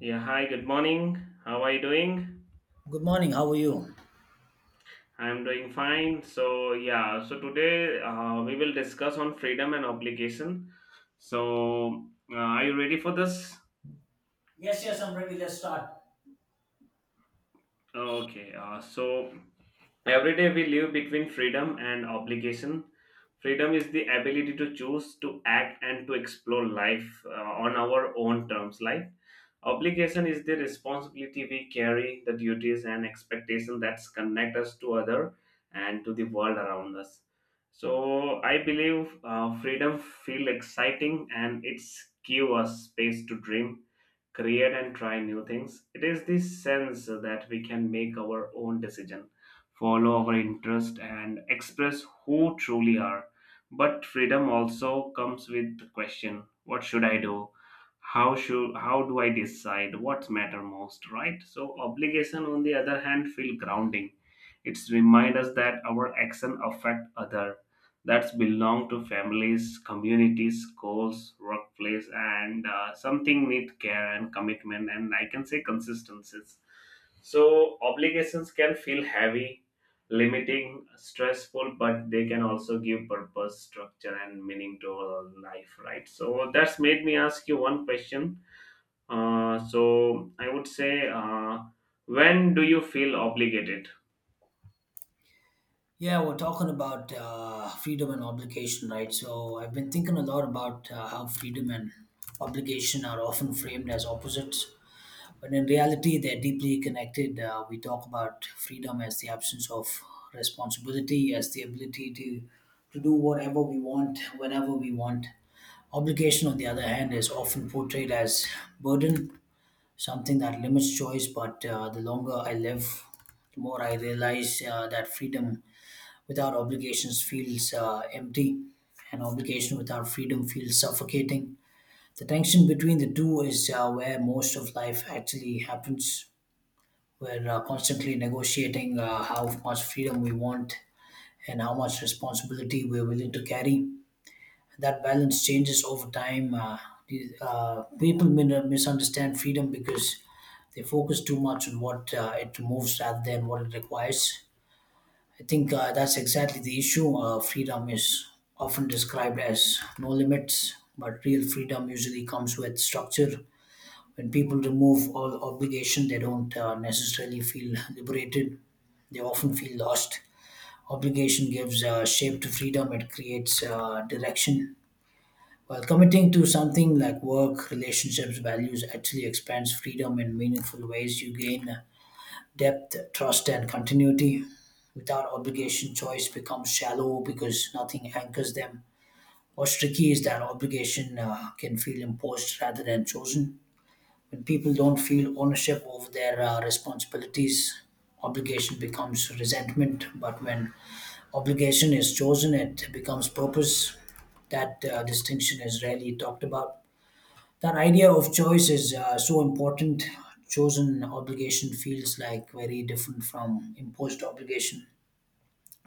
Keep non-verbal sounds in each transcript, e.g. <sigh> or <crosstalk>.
Yeah, hi, good morning. How are you doing? Good morning. How are you? I'm doing fine. So today we will discuss on freedom and obligation. So, are you ready for this? Yes, yes, I'm ready. Let's start. Okay. Every day we live between freedom and obligation. Freedom is the ability to choose, to act, and to explore life on our own terms. Life obligation is the responsibility we carry, the duties and expectations that connect us to other and to the world around us. So I believe freedom feel exciting and it's give us space to dream, create and try new things. It is this sense that we can make our own decision, follow our interest and express who truly are. But freedom also comes with the question, what should I do? How do I decide what matter most, right? So obligation on the other hand feel grounding. It's remind us that our action affect other, that's belong to families, communities, schools, workplace, and something need care and commitment, and I can say consistencies. So obligations can feel heavy, limiting, stressful, but they can also give purpose, structure, and meaning to our life, right? So that's made me ask you one question. So I would say, when do you feel obligated? Yeah, we're talking about freedom and obligation, right? So I've been thinking a lot about how freedom and obligation are often framed as opposites, but in reality, they're deeply connected. We talk about freedom as the absence of responsibility, as the ability to do whatever we want, whenever we want. Obligation, on the other hand, is often portrayed as burden, something that limits choice. But the longer I live, the more I realize that freedom without obligations feels empty, and obligation without freedom feels suffocating. The tension between the two is where most of life actually happens. We're constantly negotiating how much freedom we want and how much responsibility we're willing to carry. That balance changes over time. People misunderstand freedom because they focus too much on what it removes rather than what it requires. I think that's exactly the issue. Freedom is often described as no limits, but real freedom usually comes with structure. When people remove all obligation, they don't necessarily feel liberated. They often feel lost. Obligation gives shape to freedom, it creates direction while committing to something like work, relationships, values actually expands freedom in meaningful ways. You gain depth, trust, and continuity. Without obligation, choice becomes shallow because nothing anchors them. What's tricky is that obligation can feel imposed rather than chosen. When people don't feel ownership over their responsibilities, obligation becomes resentment. But when obligation is chosen, it becomes purpose. That distinction is rarely talked about. That idea of choice is so important. Chosen obligation feels like very different from imposed obligation.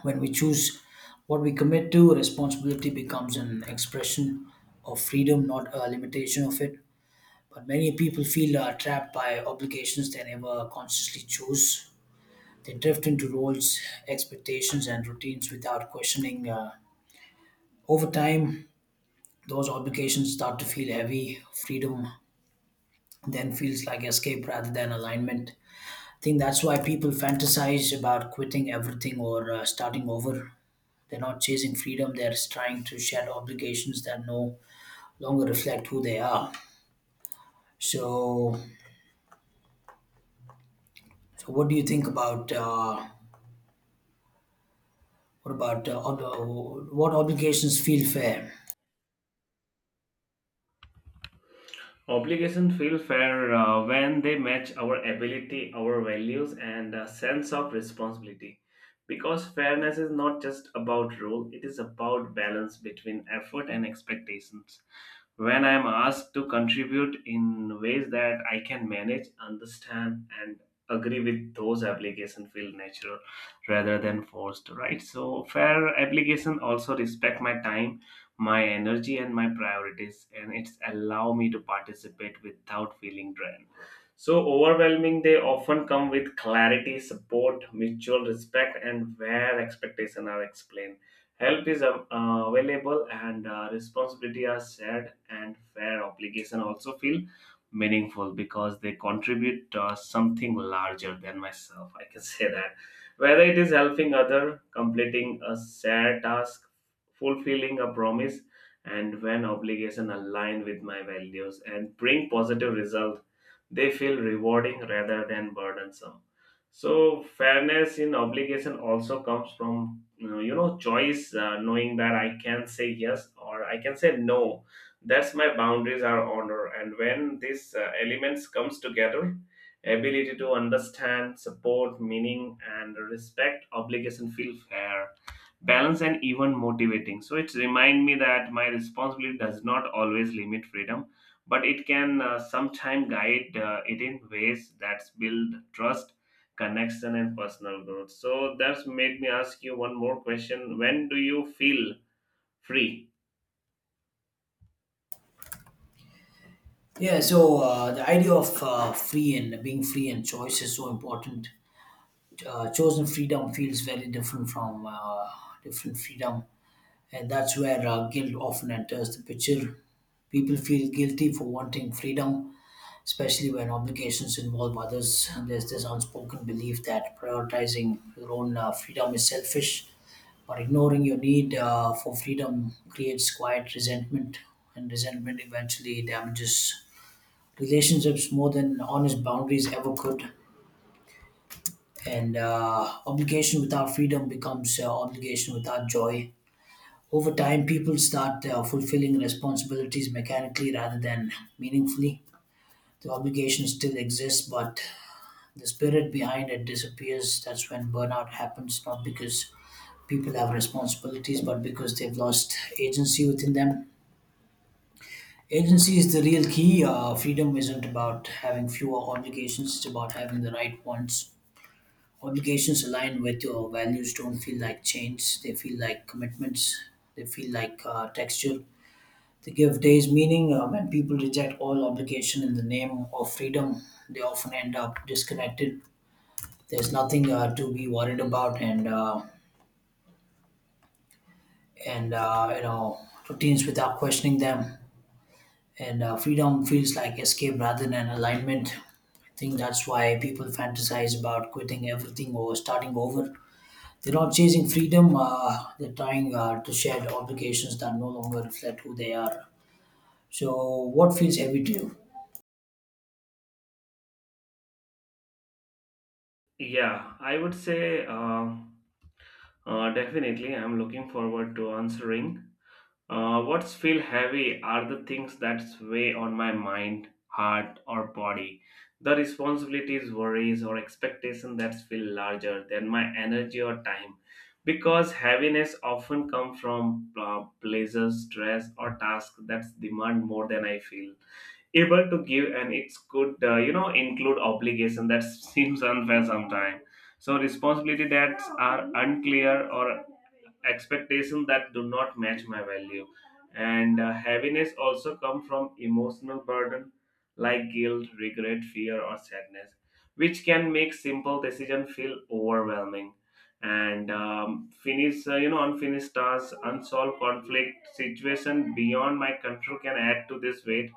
When we choose what we commit to, responsibility becomes an expression of freedom, not a limitation of it. But many people feel trapped by obligations they never consciously choose. They drift into roles, expectations, and routines without questioning. Over time, those obligations start to feel heavy. Freedom then feels like escape rather than alignment. I think that's why people fantasize about quitting everything or starting over. They're not chasing freedom, they're trying to shed obligations that no longer reflect who they are. So, so what do you think about what obligations feel fair? Obligation feel fair when they match our ability, our values, and a sense of responsibility. Because fairness is not just about rule; it is about balance between effort and expectations when I am asked to contribute in ways that I can manage, understand, and agree with, those application feel natural rather than forced, right? So fair application also respect my time, my energy and my priorities, and it's allow me to participate without feeling drained. So overwhelming, they often come with clarity, support, mutual respect, and where expectations are explained, help is available, and responsibility are shared. And fair obligation also feel meaningful because they contribute something larger than myself. I can <laughs> say that. Whether it is helping other, completing a shared task, fulfilling a promise, and when obligation align with my values and bring positive result, they feel rewarding rather than burdensome. So fairness in obligation also comes from, you know, choice, knowing that I can say yes or I can say no, that's my boundaries are honor. And when these elements comes together, ability to understand, support, meaning and respect, obligation feel fair, balance and even motivating. So it remind me that my responsibility does not always limit freedom, but it can sometimes guide it in ways that build trust, connection and personal growth. So that's made me ask you one more question, when do you feel free? Yeah, so the idea of free and being free and choice is so important. Chosen freedom feels very different from different freedom, and that's where guilt often enters the picture. People feel guilty for wanting freedom, especially when obligations involve others. There's this unspoken belief that prioritizing your own freedom is selfish, but ignoring your need for freedom creates quiet resentment, and resentment eventually damages relationships more than honest boundaries ever could. And obligation without freedom becomes obligation without joy. Over time, people start fulfilling responsibilities mechanically rather than meaningfully. The obligation still exists, but the spirit behind it disappears. That's when burnout happens, not because people have responsibilities, but because they've lost agency within them. Agency is the real key. Freedom isn't about having fewer obligations, it's about having the right ones. Obligations aligned with your values don't feel like chains, they feel like commitments, they feel like texture. They give days meaning. When people reject all obligation in the name of freedom, they often end up disconnected. There's nothing to be worried about, and you know routines without questioning them. And freedom feels like escape rather than alignment. I think that's why people fantasize about quitting everything or starting over. They're not chasing freedom. They're trying to shed obligations that no longer reflect who they are. So, what feels heavy to you? Yeah, I would say definitely I'm looking forward to answering. What's feel heavy are the things that weigh on my mind, heart, or body. The responsibilities, worries, or expectations that feel larger than my energy or time. Because heaviness often comes from pleasures, stress, or tasks that demand more than I feel able to give, and it could, you know, include obligation that <laughs> seems unfair sometimes. So responsibility that are unclear, or expectation that do not match my value. And heaviness also come from emotional burden like guilt, regret, fear or sadness, which can make simple decision feel overwhelming. And finish you know, unfinished tasks, unsolved conflict, situation beyond my control can add to this weight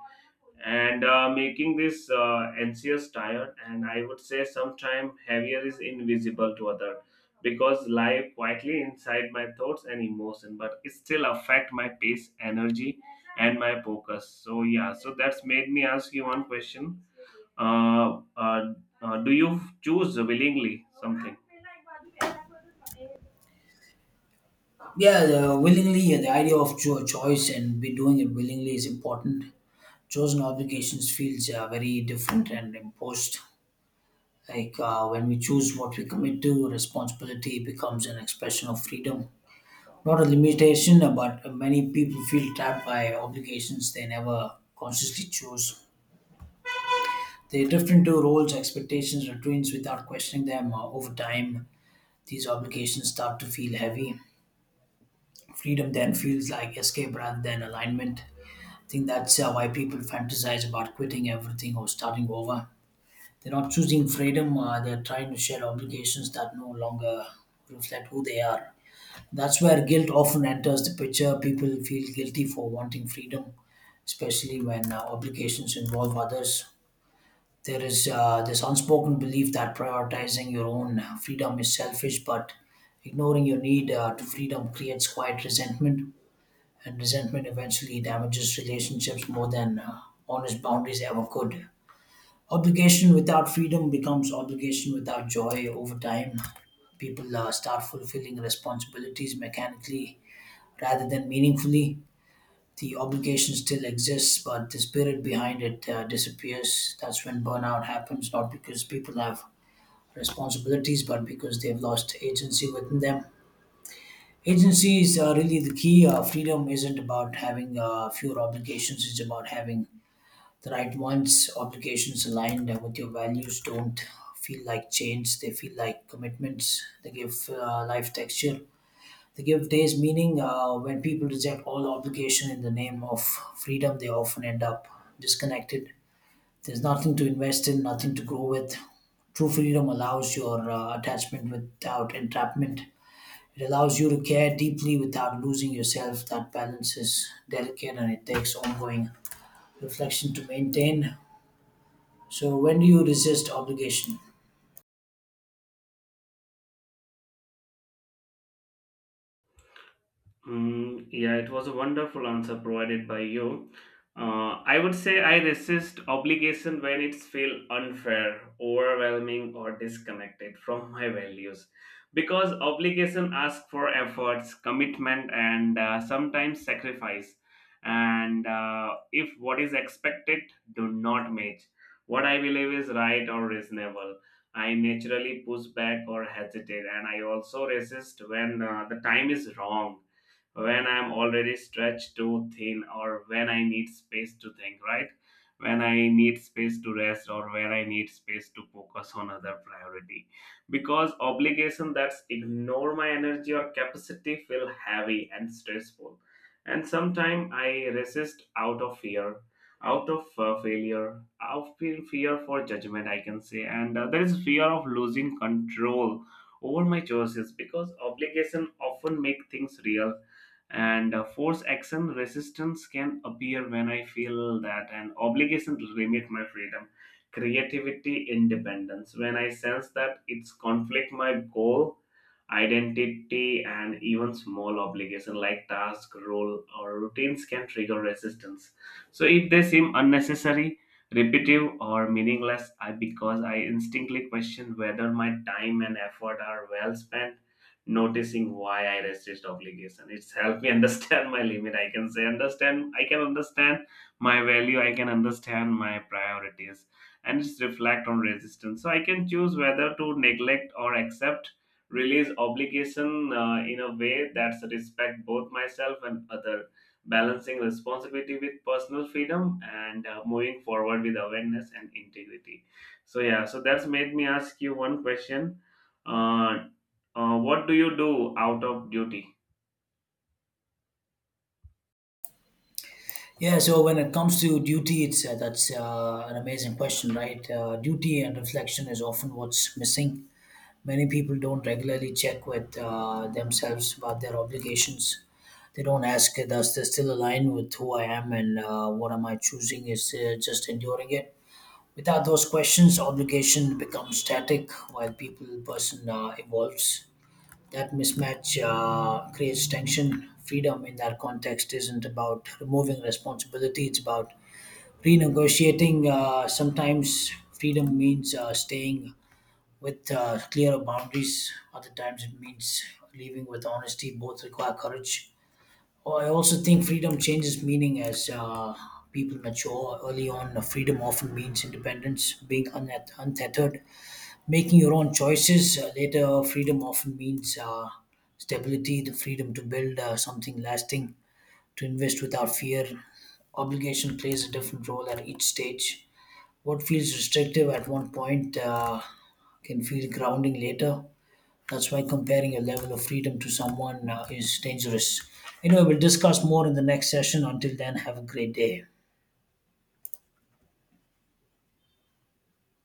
and making this anxious, tired. And I would say sometimes heavier is invisible to other because lie quietly inside my thoughts and emotion, but it still affect my pace, energy and my focus. So yeah, so that's made me ask you one question, uh, uh, do you choose willingly something? Yeah, the willingly, yeah, the idea of choice and be doing it willingly is important. Chosen obligations feels very different and imposed. Like when we choose what we commit to, responsibility becomes an expression of freedom, not a limitation. But many people feel trapped by obligations they never consciously chose. They drift into roles, expectations, routines without questioning them. Over time, these obligations start to feel heavy. Freedom then feels like escape rather than alignment. I think that's why people fantasize about quitting everything or starting over. They're not choosing freedom, they're trying to shed obligations that no longer reflect who they are. That's where guilt often enters the picture. People feel guilty for wanting freedom, especially when obligations involve others. There is this unspoken belief that prioritizing your own freedom is selfish, but ignoring your need to freedom creates quiet resentment, and resentment eventually damages relationships more than honest boundaries ever could. Obligation without freedom becomes obligation without joy over time. People start fulfilling responsibilities mechanically rather than meaningfully. The obligation still exists, but the spirit behind it disappears. That's when burnout happens, not because people have responsibilities, but because they've lost agency within them. Agency is really the key. Freedom isn't about having fewer obligations, it's about having the right ones. Obligations aligned with your values don't feel like chains, they feel like commitments. They give life texture, they give days meaning. When people reject all obligation in the name of freedom, they often end up disconnected. There's nothing to invest in, nothing to grow with. True freedom allows your attachment without entrapment. It allows you to care deeply without losing yourself. That balance is delicate and it takes ongoing reflection to maintain. So, when do you resist obligation? Mm, yeah, it was a wonderful answer provided by you. I would say I resist obligation when it's feel unfair, overwhelming, or disconnected from my values, because obligation asks for efforts, commitment, and sometimes sacrifice. And if what is expected do not match what I believe is right or reasonable, I naturally push back or hesitate. And I also resist when the time is wrong, when I'm already stretched too thin or when I need space to think, right? When I need space to rest or when I need space to focus on other priority. Because obligation that's ignore my energy or capacity feel heavy and stressful. And sometimes I resist out of fear, out of failure, out of fear for judgment, I can say. And there is fear of losing control over my choices, because obligation often make things real and force action. Resistance can appear when I feel that an obligation to limit my freedom, creativity, independence, when I sense that it's conflict my goal, identity. And even small obligation like task, role or routines can trigger resistance. So if they seem unnecessary, repetitive or meaningless, I, because I instinctively question whether my time and effort are well spent, noticing why I resist obligation. It's helped me <laughs> understand my limit. I can say understand. I can understand my value. I can understand my priorities, and it's reflect on resistance. So I can choose whether to neglect or accept, release obligation in a way that's respect both myself and other, balancing responsibility with personal freedom and moving forward with awareness and integrity. So yeah, so that's made me ask you one question, uh, what do you do out of duty? Yeah, so when it comes to duty, it's that's an amazing question, right? Duty and reflection is often what's missing. Many people don't regularly check with themselves about their obligations. They don't ask, does this still align with who I am, and what am I choosing? Is just enduring it? Without those questions, obligation becomes static while people person evolves. That mismatch creates tension. Freedom in that context isn't about removing responsibility, it's about renegotiating. Sometimes freedom means staying with clearer boundaries, other times it means leaving with honesty. Both require courage. Oh, I also think freedom changes meaning as people mature. Early on, freedom often means independence, being untethered, making your own choices. Later, freedom often means stability, the freedom to build something lasting, to invest without fear. Obligation plays a different role at each stage. What feels restrictive at one point can feel grounding later. That's why comparing your level of freedom to someone is dangerous. Anyway, we'll discuss more in the next session. Until then, have a great day.